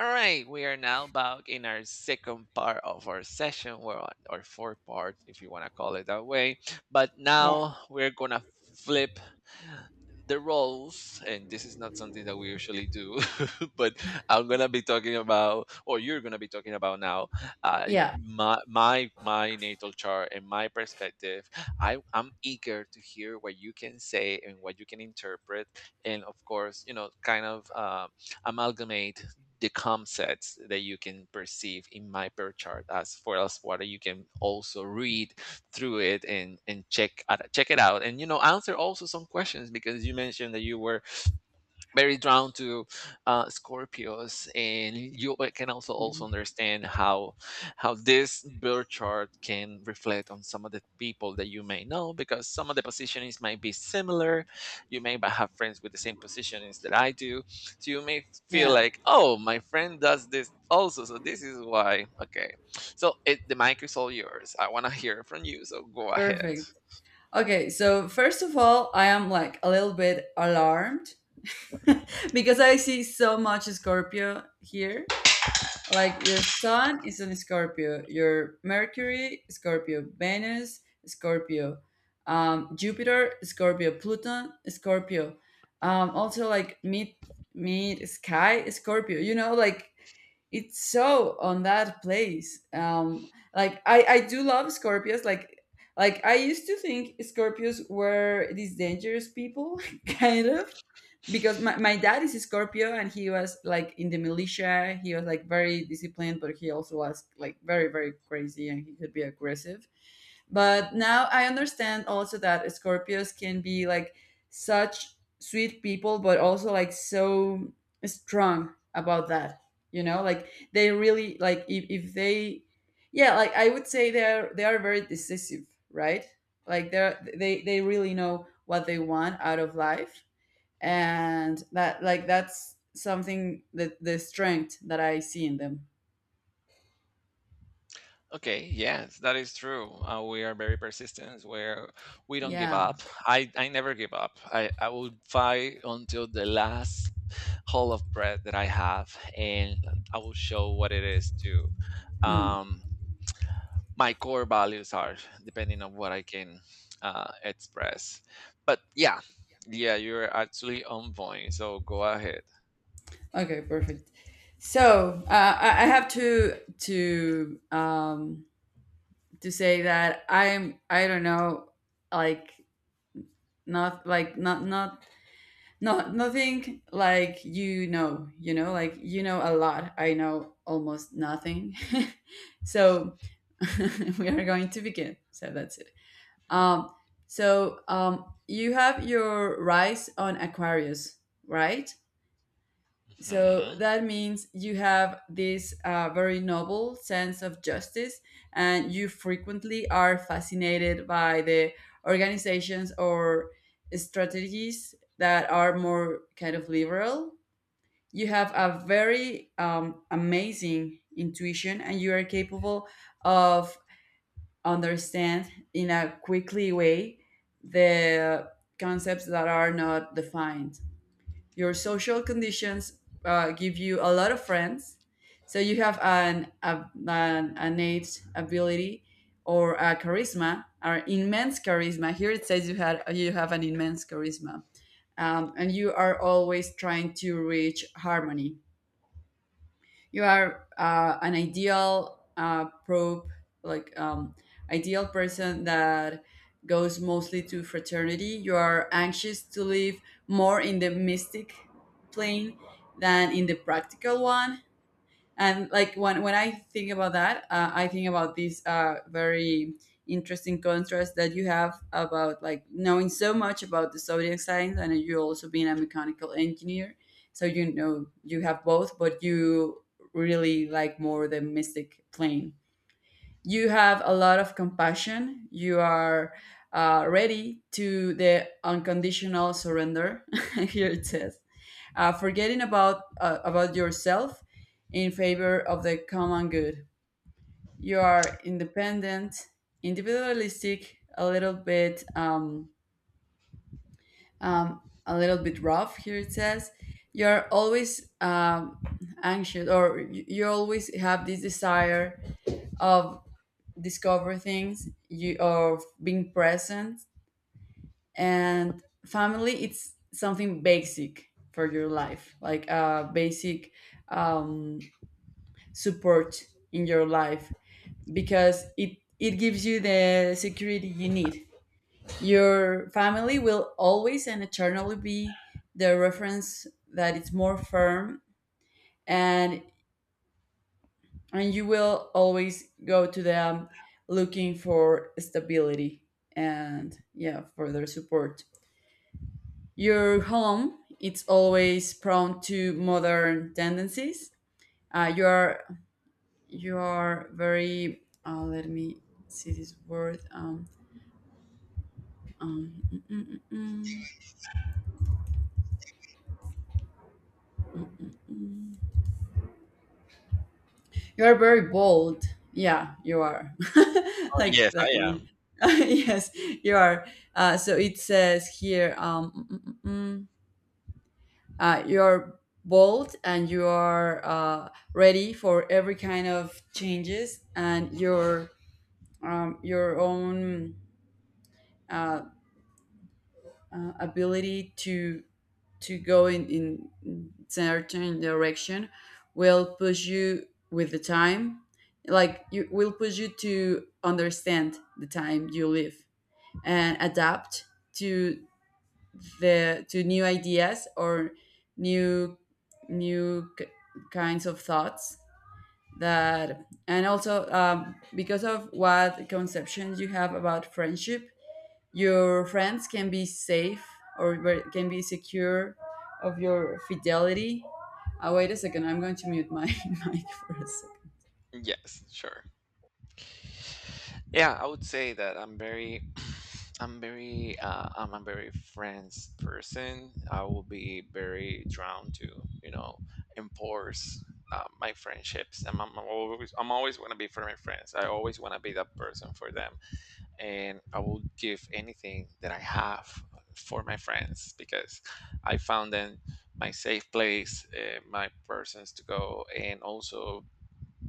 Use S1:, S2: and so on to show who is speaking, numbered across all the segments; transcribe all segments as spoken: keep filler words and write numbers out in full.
S1: All right, we are now back in our second part of our session, well, or fourth part, if you want to call it that way. But
S2: Yeah.
S1: now we're gonna flip the roles, and this is not something that we usually do. But I'm gonna be talking about, or you're gonna be talking about now, uh,
S2: Yeah.
S1: my my my natal chart and my perspective. I I'm eager to hear what you can say and what you can interpret, and of course, you know, kind of. Uh, amalgamate the concepts that you can perceive in my birth chart, as for us water you can also read through it and and check check it out, and you know, answer also some questions because you mentioned that you were very drawn to uh, Scorpios, and you uh, can also also
S2: Mhm.
S1: understand how how this birth chart can reflect on some of the people that you may know because some of the positionings might be similar. You may ba- have friends with the same positionings that I do, so you may feel
S2: Yeah,
S1: like, oh, my friend does this also, so this is why. Okay, so it, the mic is all yours. I want to hear from you, so go ahead.
S2: perfect. Okay, so first of all, I am like a little bit alarmed because I see so much Scorpio here. Like your Sun is in Scorpio, your Mercury, Scorpio, Venus, Scorpio, um, Jupiter, Scorpio, Pluton, Scorpio. Um, also like mid mid sky, Scorpio. You know, like it's so on that place. Um, like I I do love Scorpios. Like like I used to think Scorpios were these dangerous people, kind of because my, my dad is a Scorpio and he was like in the militia. He was like very disciplined, but he also was like very, very crazy and he could be aggressive. But now I understand also that Scorpios can be like such sweet people, but also like so strong about that. You know, like they really like if, if they yeah, like I would say they're they are very decisive, right? Like they're they they really know what they want out of life and that like that's something that the strength that I see in them.
S1: Okay, yes, that is true. Uh, we are very persistent where we don't give
S2: Yeah.
S1: up. I, I never give up. I, I will fight until the last hole of breath that I have, and I will show what it is to
S2: Mm.
S1: um, my core values are, depending on what I can uh, express. But yeah, yeah, you're actually on point. So go ahead.
S2: Okay. Perfect. So uh, I I have to to um, to say that I'm I don't know like not like not not not nothing like you know you know like you know a lot I know almost nothing so we are going to begin so that's it. Um, so um, you have your rise on Aquarius, right? So
S1: Mhm.
S2: that means you have this uh, very noble sense of justice, and you frequently are fascinated by the organizations or strategies that are more kind of liberal. You have a very um, amazing intuition, and you are capable of understand in a quickly way the concepts that are not defined. Your social conditions uh, give you a lot of friends, so you have an, a, an innate ability or a charisma, or immense charisma. Here it says you had you have an immense charisma, um, and you are always trying to reach harmony. You are uh, an ideal uh, probe, like um, ideal person that goes mostly to fraternity. You are anxious to live more in the mystic plane than in the practical one. And like when when I think about that, uh, I think about this uh, very interesting contrast that you have about like knowing so much about the zodiac signs and you also being a mechanical engineer. So you know you have both but you really like more the mystic plane. You have a lot of compassion. You are uh, ready to the unconditional surrender. Here it says uh, forgetting about uh, about yourself in favor of the common good. You are independent, individualistic, a little bit um, um, a little bit rough. Here it says you are always um, anxious, or you you always have this desire of discover things, you of being present, and family. It's something basic for your life, like a basic um, support in your life because it it gives you the security you need. Your family will always and eternally be the reference that it's more firm and and you will always go to them looking for stability and yeah for their support. Your home it's always prone to modern tendencies. uh, you are you are very uh, let me see this word um, um, mm, mm, mm, mm. you are very bold. Yeah you are,
S1: Oh
S2: like,
S1: yes, I
S2: like
S1: am.
S2: yes you are. uh, so it says here um, mm, mm, mm, mm, uh, you are bold and you are uh, ready for every kind of changes and your um, your own uh, uh, ability to to go in, in certain direction will push you with the time, like you will push you to understand the time you live and adapt to the to new ideas or new new k- kinds of thoughts that. And also um, because of what conceptions you have about friendship, your friends can be safe or ver- can be secure of your fidelity. Uh, wait a second, I'm going to mute my mic for a second.
S1: Yes, sure. Yeah, I would say that I'm very, I'm very, uh, I'm a very friends person. I will be very drawn to, you know, enforce uh, my friendships, and I'm always, I'm always going to be for my friends. I always want to be that person for them, and I will give anything that I have for my friends because I found them my safe place, uh, my persons to go, and also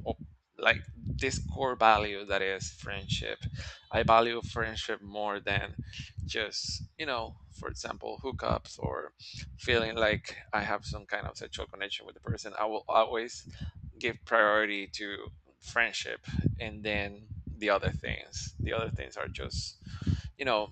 S1: op- like this core value that is friendship. I value friendship more than just, you know, for example, hookups or feeling like I have some kind of sexual connection with the person. I will always give priority to friendship and then the other things. The other things are just, you know,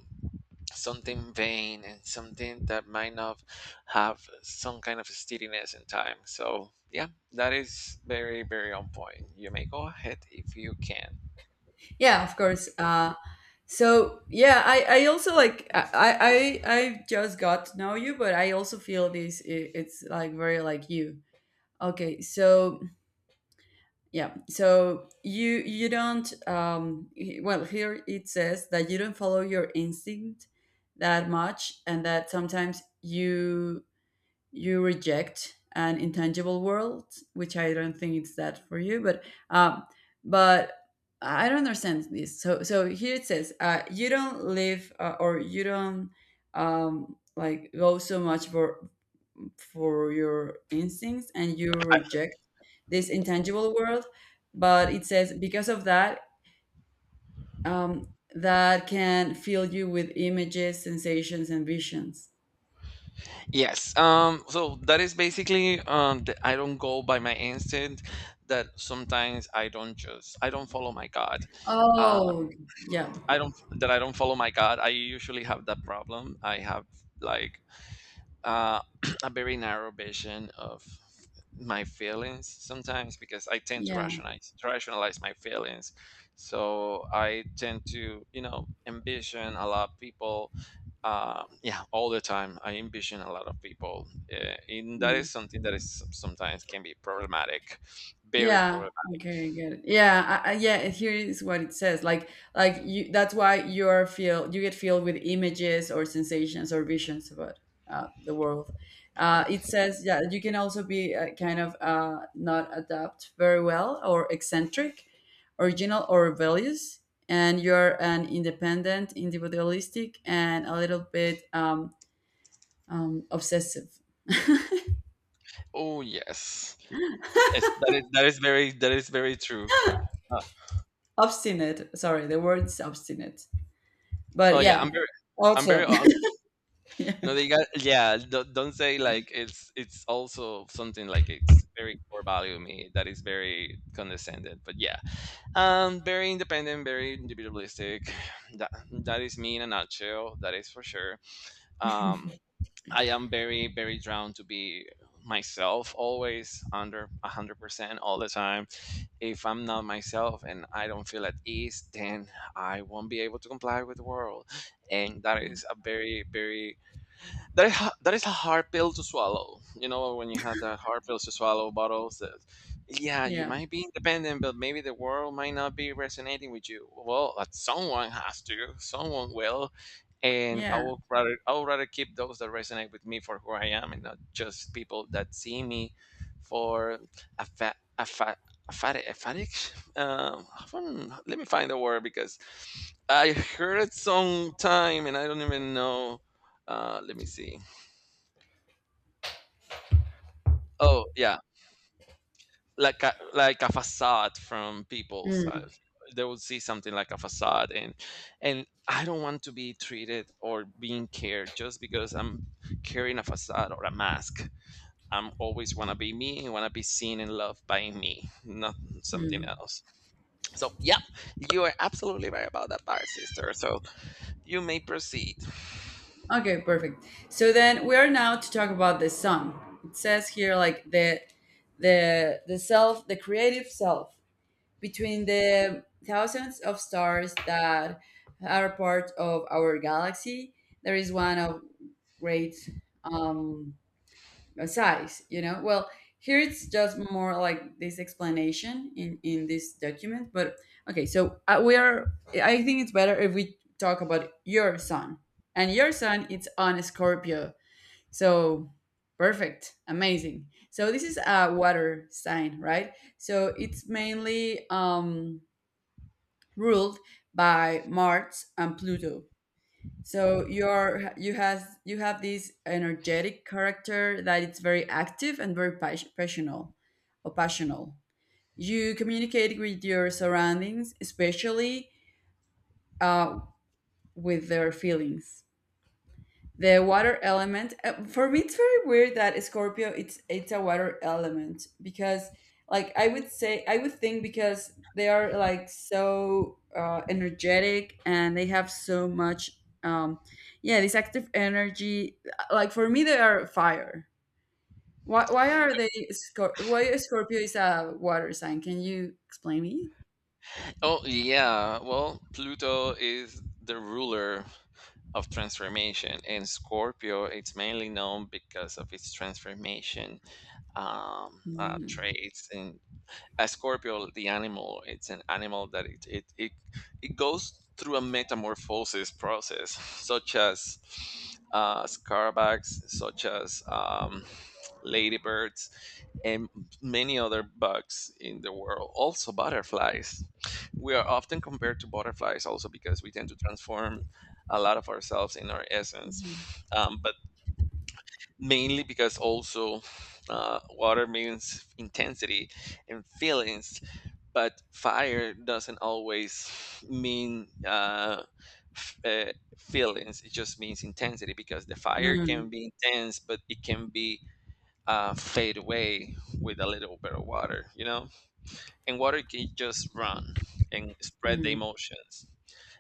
S1: something vain and something that might not have some kind of steadiness in time. So yeah, that is very very on point. You may go ahead if you can.
S2: Yeah, of course. Uh, so yeah, I, I also like I I I I just got to know you, but I also feel this i- it's like very like you. Okay, so yeah, so you you don't um he- well here it says that you don't follow your instinct that much and that sometimes you you reject an intangible world, which I don't think it's that for you. But um, but I don't understand this. So so here it says uh, you don't live uh, or you don't um, like go so much for for your instincts, and you reject this intangible world. But it says because of that. Um, that can fill you with images, sensations, and visions.
S1: Yes. Um. So that is basically um. The, I don't go by my instinct. That sometimes I don't just I don't follow my God. Uh,
S2: Oh, yeah,
S1: I don't that I don't follow my God. I usually have that problem. I have like uh, a very narrow vision of my feelings sometimes because I tend to
S2: yeah.
S1: rationalize rationalize my feelings. So I tend to, you know, envision a lot of people. Uh, yeah, all the time I envision a lot of people, uh, and that
S2: Mm.
S1: is something that is sometimes can be problematic, very
S2: Yeah.
S1: problematic.
S2: Okay, I get it. Yeah, I, I, yeah. And here is what it says. Like, like you. That's why you are feel you get filled with images or sensations or visions about uh, the world. Uh, it says, yeah, you can also be uh, kind of uh, not adapt very well or eccentric, original or rebellious, and you're an independent, individualistic, and a little bit um, um, obsessive,
S1: Oh yes, yes, that is that is very that is very true. Uh,
S2: obstinate. Sorry, the word is obstinate. But
S1: oh yeah, I'm
S2: yeah,
S1: very I'm very
S2: also, yeah,
S1: no, they got yeah. Don't, don't say like it's it's also something like it's very core value to me that is very condescended. But yeah, um, very independent, very individualistic. That that is me in a nutshell. That is for sure. Um, I am very very drawn to be myself always under a hundred percent all the time. If I'm not myself and I don't feel at ease, then I won't be able to comply with the world, and that is a very very that is, ha- that is a hard pill to swallow. You know, when you have that hard pill to swallow bottles, that, yeah, you
S2: yeah.
S1: might be independent, but maybe the world might not be resonating with you. Well, that someone has to, someone will, and I
S2: Yeah.
S1: would rather I would rather keep those that resonate with me for who I am, and not just people that see me for a fat a fat. Aphatic? Um, hmm, let me find the word because I heard it sometime and I don't even know. Uh, let me see. Oh, yeah, like a like a facade from people's.
S2: Mm,
S1: Uh, they would see something like a facade, and and I don't want to be treated or being cared just because I'm carrying a facade or a mask. I'm always want to be me and want to be seen and loved by me, not something
S2: mm.
S1: else. So, yeah, you are absolutely right about that part, sister. So you may proceed.
S2: Okay, perfect. So then we are now to talk about the sun. It says here like the the the self, the creative self between the thousands of stars that are part of our galaxy. There is one of great um, a size, you know. Well here it's just more like this explanation in in this document but okay. So uh, we are, I think it's better if we talk about your son. And your son it's on Scorpio, so perfect, amazing. So this is a water sign, right? So it's mainly um ruled by Mars and Pluto. So you're you has you have this energetic character that it's very active and very pas- passional or passional. You communicate with your surroundings, especially uh, with their feelings. The water element. uh, For me, it's very weird that Scorpio it's it's a water element because like I would say I would think because they are like so uh, energetic and they have so much um yeah this active energy, like for me they are fire. Why why are they Scor- why is Scorpio is a water sign? Can you explain me?
S1: Oh, yeah. Well, Pluto is the ruler of transformation, and Scorpio it's mainly known because of its transformation um, uh,
S2: Mm.
S1: traits, and a scorpio the animal it's an animal that it it it, it goes through a metamorphosis process such as uh, scarabags, such as um, ladybirds and many other bugs in the world, also butterflies. We are often compared to butterflies also because we tend to transform a lot of ourselves in our essence,
S2: Mm.
S1: um, but mainly because also uh, water means intensity and feelings, but fire doesn't always mean uh, f- uh, feelings. It just means intensity because the fire
S2: Mm.
S1: can be intense, but it can be uh, fade away with a little bit of water, you know? And water can just run and spread the
S2: Mm.
S1: emotions.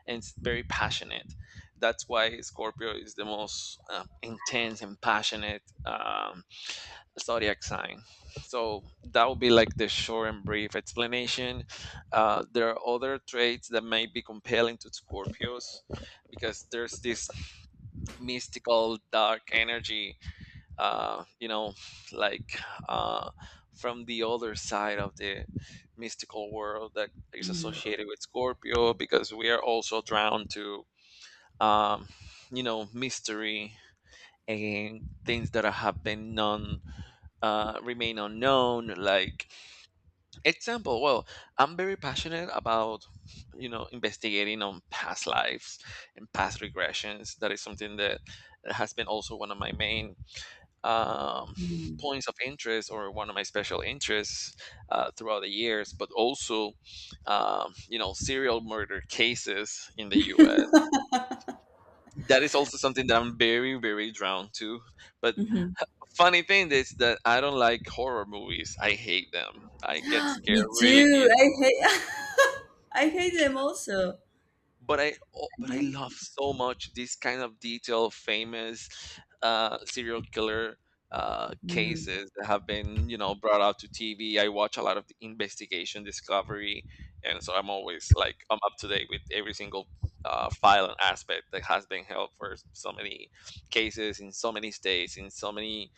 S1: And it's very passionate. That's why Scorpio is the most uh, intense and passionate um, zodiac sign. So that would be like the short and brief explanation. Uh, there are other traits that may be compelling to Scorpios because there's this mystical dark energy, uh, you know, like uh, from the other side of the mystical world that is associated with Scorpio because we are also drawn to, um, you know, mystery and things that have been known uh, remain unknown. Like example, well, I'm very passionate about, you know, investigating on past lives and past regressions. That is something that has been also one of my main um,
S2: Mm.
S1: points of interest, or one of my special interests uh, throughout the years. But also, um, you know, serial murder cases in the U S. That is also something that I'm very, very drawn to. But
S2: Mm.
S1: funny thing is that I don't like horror movies. I hate them. I get
S2: Me
S1: scared really
S2: too.
S1: easy.
S2: I hate. I hate them also. I
S1: But I oh, but I
S2: hate.
S1: love so much this kind of detailed, famous uh, serial killer uh,
S2: Mm,
S1: cases that have been, you know, brought out to T V. I watch a lot of the investigation, discovery, and so I'm always like I'm up to date with every single uh, file and aspect that has been held for so many cases in so many states in so many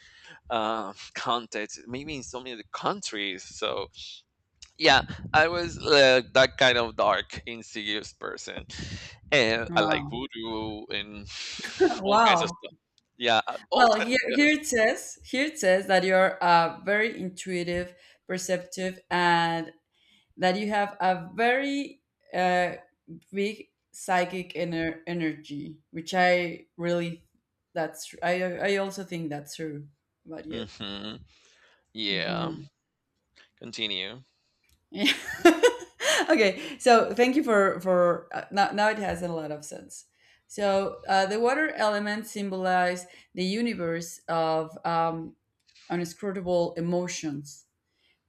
S1: uh, context, maybe in so many countries. So yeah, I was uh, that kind of dark, insidious person, and I like
S2: wow.
S1: voodoo and all kinds of
S2: Wow.
S1: stuff. Yeah, uh, all
S2: Well, here,
S1: kinds.
S2: here it says here it says that you're uh, very intuitive, perceptive, and that you have a very uh, big psychic ener- energy, which I really that's tr- I I also think that's true about
S1: Yeah.
S2: you.
S1: Hmm, yeah.
S2: Mm-hmm.
S1: Continue.
S2: Yeah. okay. So thank you for for uh, now. Now it has a lot of sense. So uh, the water element symbolizes the universe of um, unscrutable emotions,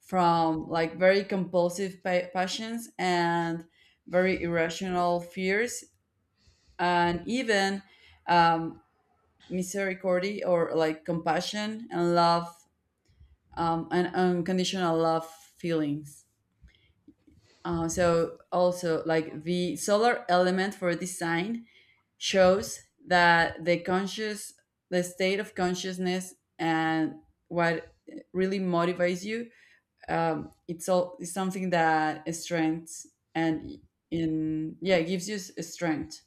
S2: from like very compulsive pa- passions and very irrational fears, and even um, misericordia or like compassion and love um, and unconditional love feelings. Uh, so also like the solar element for design shows that the conscious the state of consciousness and what really motivates you, um, it's all it's something that strengths and in yeah gives you s- strength.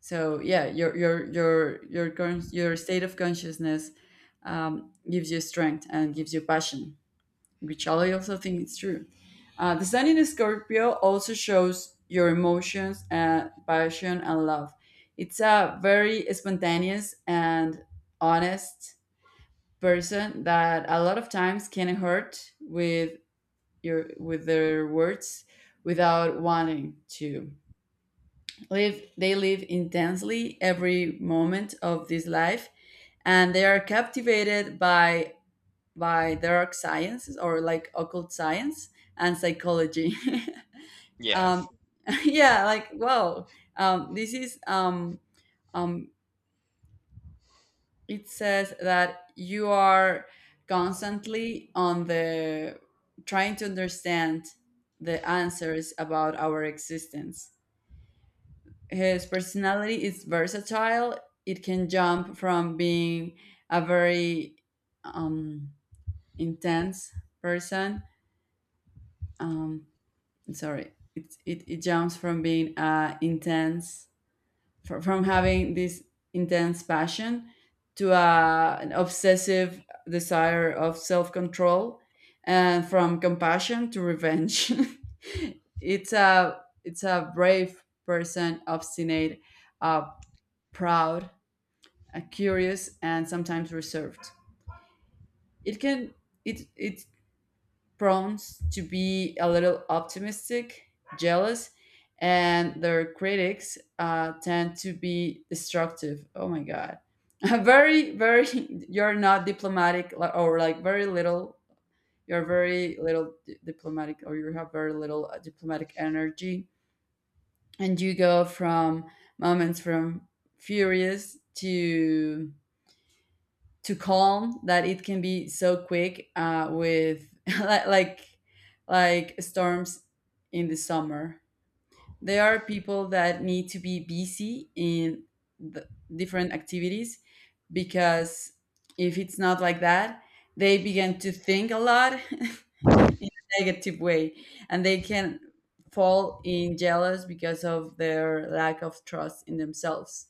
S2: So yeah your your your your con- your state of consciousness um, gives you strength and gives you passion, which I also think it's true. Uh, the sun in Scorpio also shows your emotions and passion and love. It's a very spontaneous and honest person that a lot of times can hurt with your with their words without wanting to. Live they live intensely every moment of this life and they are captivated by by dark sciences or like occult science and psychology. um,
S1: Yes.
S2: yeah, like wow, um, this is um, um, it says that you are constantly on the trying to understand the answers about our existence. His personality is versatile. It can jump from being a very um, intense person, um, sorry it, it, it jumps from being uh, intense fr- from having this intense passion to uh, an obsessive desire of self-control and from compassion to revenge. It's a it's a brave person, obstinate, uh, proud, uh, curious and sometimes reserved. It can it it prone to be a little optimistic, jealous, and their critics uh, tend to be destructive. Oh my God. very, very, you're not diplomatic li- or like very little. You're very little di- diplomatic or you have very little uh, diplomatic energy. And you go from moments from furious to to calm that it can be so quick uh, with li- like like storms in the summer. There are people that need to be busy in the different activities because if it's not like that, they begin to think a lot in a negative way and they can fall in jealous because of their lack of trust in themselves.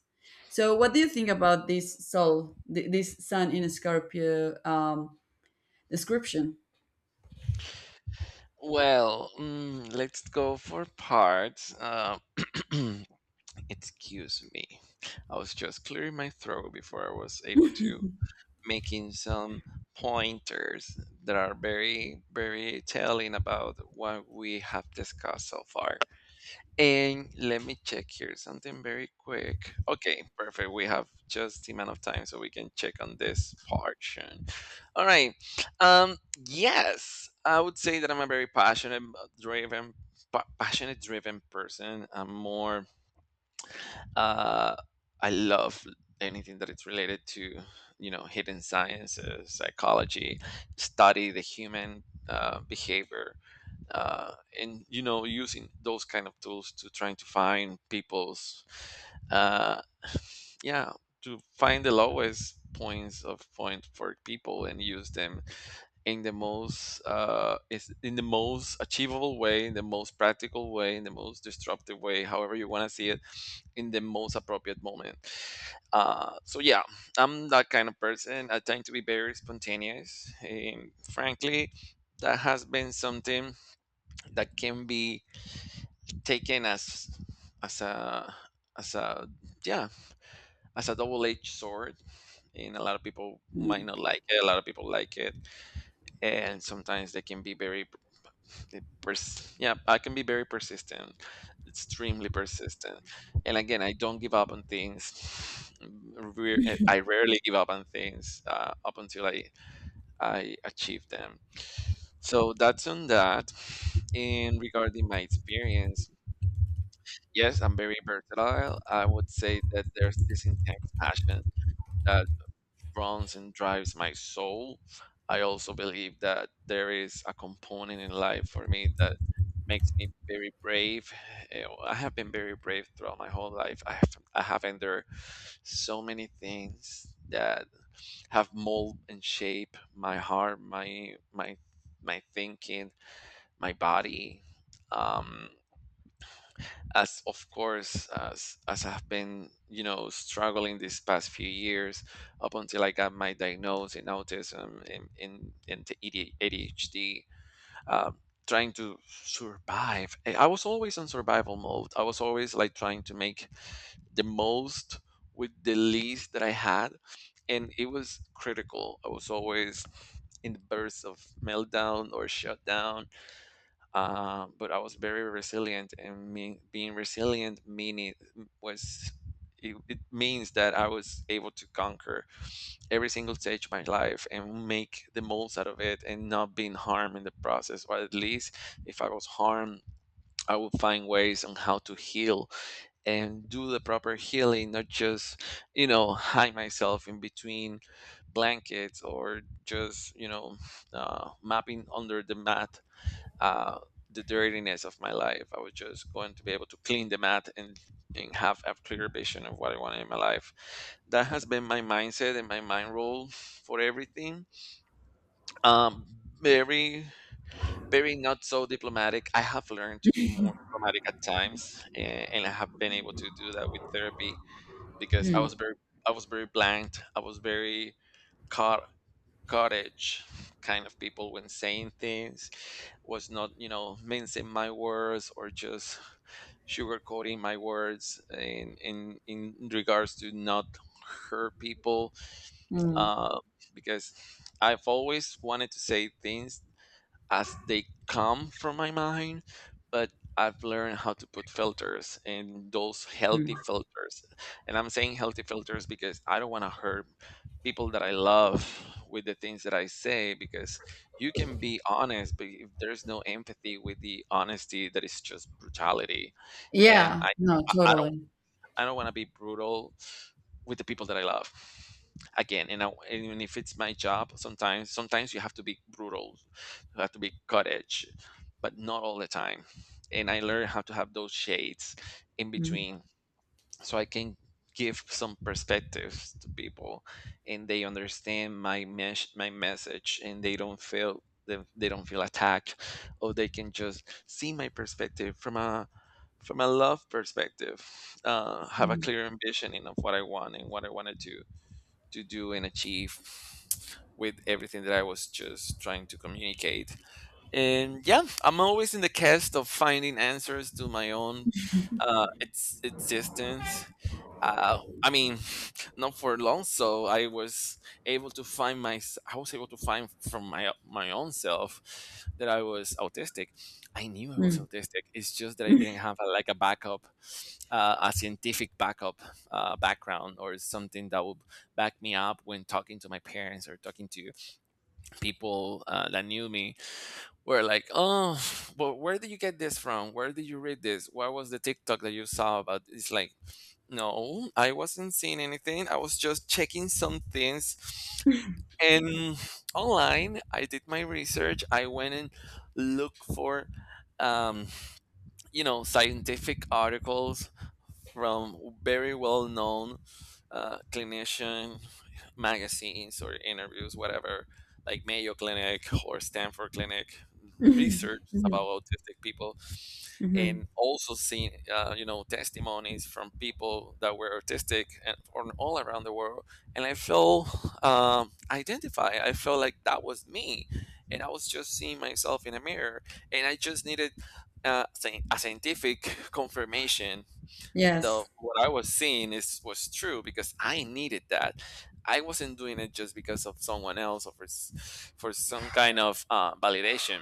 S2: So what do you think about this soul th- this sun in Scorpio um, description?
S1: Well, mm, let's go for parts. Uh, excuse me. I was just clearing my throat before I was able to making some pointers that are very, very telling about what we have discussed so far. And let me check here something very quick. Okay, perfect. We have just the amount of time so we can check on this portion. All right. Um, yes, I would say that I'm a very passionate, driven, pa- passionate, driven person. I'm more uh, I love anything that it's related to, you know, hidden sciences, psychology, study the human uh, behavior, uh, and you know, using those kind of tools to trying to find people's, uh, yeah, to find the lowest points of point for people and use them in the most uh is in the most achievable way, in the most practical way, in the most disruptive way, however you want to see it, in the most appropriate moment. Uh, so yeah, I'm that kind of person. I tend to be very spontaneous. And frankly, that has been something that can be taken as as a as a yeah, as a double-edged sword, and a lot of people might
S2: Mm,
S1: not like it, a lot of people like it, and sometimes they can be very the pers- yeah I can be very persistent, extremely persistent. And again, I don't give up on things. Re- eh, I rarely give up on things, uh, up until I i achieve them. So that's on that. And regarding my experience, yes, I'm very versatile. I would say that there's this intense passion that runs and drives my soul. I also believe that there is a component in life for me that makes me very brave. You know, I have been very brave throughout my whole life. I have I have endured so many things that have mold and shape my heart, my my my thinking, my body. Um, as of course as as I've been you know struggling these past few years up until I got my diagnosis in autism in in, in the E D A D H D, um, trying to survive. I I was always in survival mode. I was always like trying to make the most with the least that I had, and it was critical. I was always in the bursts of meltdown or shutdown, um, but I was very resilient, and me, being resilient meaning was it, it means that I was able to conquer every single stage of my life and make the most out of it, and not being harmed in the process. Or at least, if I was harmed, I would find ways on how to heal and do the proper healing, not just you know hide myself in between blankets or just you know uh, mapping under the mat, uh, the dirtiness of my life. I was just going to be able to clean the mat, and, and have a clear vision of what I wanted in my life. That has been my mindset and my mind rule for everything. Um, Very, very not so diplomatic. I have learned to be more diplomatic at times, and, and I have been able to do that with therapy because I
S2: mm,
S1: was very, I was very blank. I was very caught cottage kind of people when saying things was not you know mincing my words or just sugarcoating my words in in in regards to not hurt people,
S2: mm,
S1: uh, because I've always wanted to say things as they come from my mind, but I've learned how to put filters and those healthy
S2: mm.
S1: filters. And I'm saying healthy filters because I don't want to hurt people that I love with the things that I say, because you can be honest, but if there's no empathy with the honesty, that is just brutality. And
S2: Yeah,
S1: I
S2: no,
S1: I
S2: totally.
S1: I don't want to be brutal with the people that I love. Again, and, I, and even if it's my job, sometimes sometimes you have to be brutal, you have to be cut edge, but not all the time. And I learned how to have those shades in
S2: Mm,
S1: between, so I can give some perspectives to people, and they understand my mes- my message, and they don't feel, they, they don't feel attacked, or they can just see my perspective from a from a love perspective, uh, have a
S2: mm,
S1: clear ambition in of what I want and what I wanted to to do and achieve with everything that I was just trying to communicate. And yeah, I'm always in the quest of finding answers to my own uh, ex- existence. uh, I mean, not for long. So I was able to find my, I was able to find from my my own self that I was autistic. I knew I was
S2: mm,
S1: autistic. It's just that I didn't have a, like a backup, uh, a scientific backup, uh, background or something that would back me up when talking to my parents or talking to people uh, that knew me. We're like, oh, but where did you get this from? Where did you read this? What was the TikTok that you saw about? It's like, no, I wasn't seeing anything. I was just checking some things. And online, I did my research. I went and looked for, um, you know scientific articles from very well known uh, clinician magazines or interviews whatever, like Mayo Clinic or Stanford Clinic, research about autistic people.
S2: mhm.
S1: And also seen uh, you know testimonies from people that were autistic and from all around the world, and I felt, um, identified. I felt like that was me, and I was just seeing myself in a mirror. And I just needed uh, scien- a scientific confirmation that
S2: Yes.
S1: what I was seeing is was true, because I needed that. I wasn't doing it just because of someone else or for, s- for some kind of uh, validation.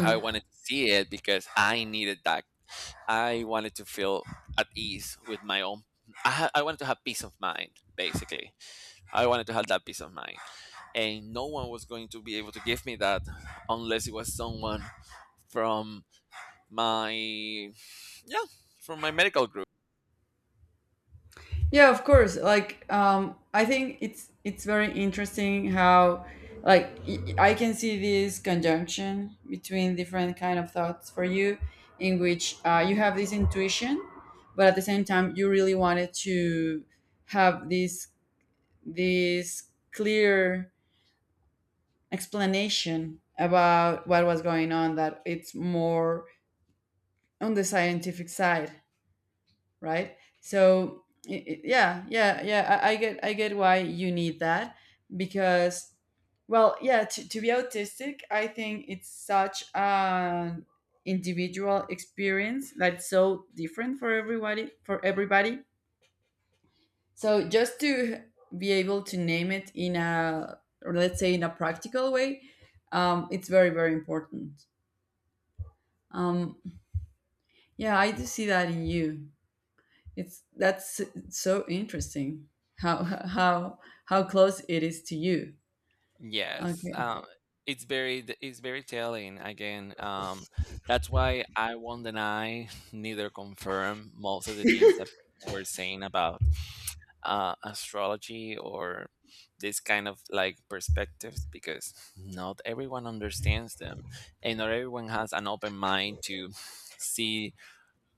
S1: I wanted to see it because I needed that. I wanted to feel at ease with my own. I, ha- I wanted to have peace of mind, basically. I wanted to have that peace of mind. And no one was going to be able to give me that unless it was someone from my, yeah, from my medical group.
S2: Yeah, of course. Like, um, I think it's it's very interesting how, like, y- I can see this conjunction between different kind of thoughts for you, in which uh, you have this intuition, but at the same time you really wanted to have this this clear explanation about what was going on. That it's more on the scientific side, right? So y- y- yeah, yeah, yeah. I, I get, I get why you need that because, well, yeah. To, to be autistic, I think it's such an individual experience that's so different for everybody. For everybody. So just to be able to name it in a, or let's say in a practical way, um, it's very, very important. Um, yeah, I do see that in you. It's that's so interesting how how how close it is to you.
S1: Yes.
S2: Okay.
S1: Um, it's very, it's very telling again. Um, that's why I won't deny neither confirm most of the things that people were saying about uh, astrology or this kind of like perspectives, because not everyone understands them, and not everyone has an open mind to see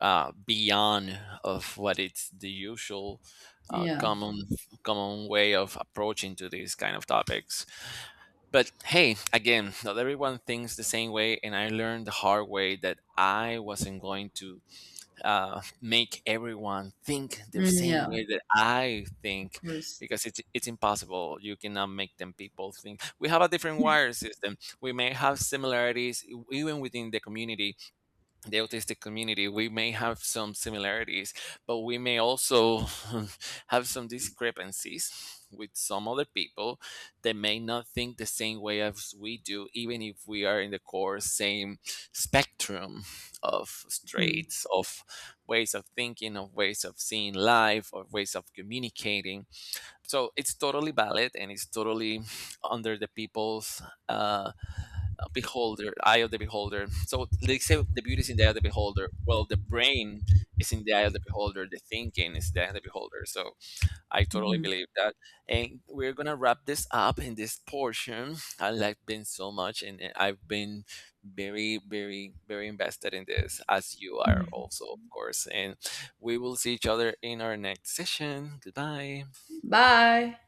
S1: uh, beyond of what it's the usual uh,
S2: Yeah.
S1: common common way of approaching to these kind of topics. But hey, again, not everyone thinks the same way, and I learned the hard way that I wasn't going to uh, make everyone think the
S2: Mm,
S1: same
S2: yeah.
S1: way that I
S2: Of
S1: think,
S2: course.
S1: because it's it's impossible. You cannot make them people think. We have a different wire system. We may have similarities even within the community, the autistic community, we may have some similarities, but we may also have some discrepancies with some other people that may not think the same way as we do, even if we are in the core same spectrum of
S2: Hmm.
S1: traits, of ways of thinking, of ways of seeing life, of ways of communicating. So it's totally valid, and it's totally under the people's, uh, beholder, eye of the beholder. So they say the beauty is in the eye of the beholder. Well, the brain is in the eye of the beholder, the thinking is in the eye of the beholder. So I totally
S2: Mhm.
S1: believe that. And we're gonna wrap this up in this portion. I like Ben so much, and uh, I've been very, very, very invested in this, as you are also, of course. And we will see each other in our next session. Goodbye.
S2: Bye.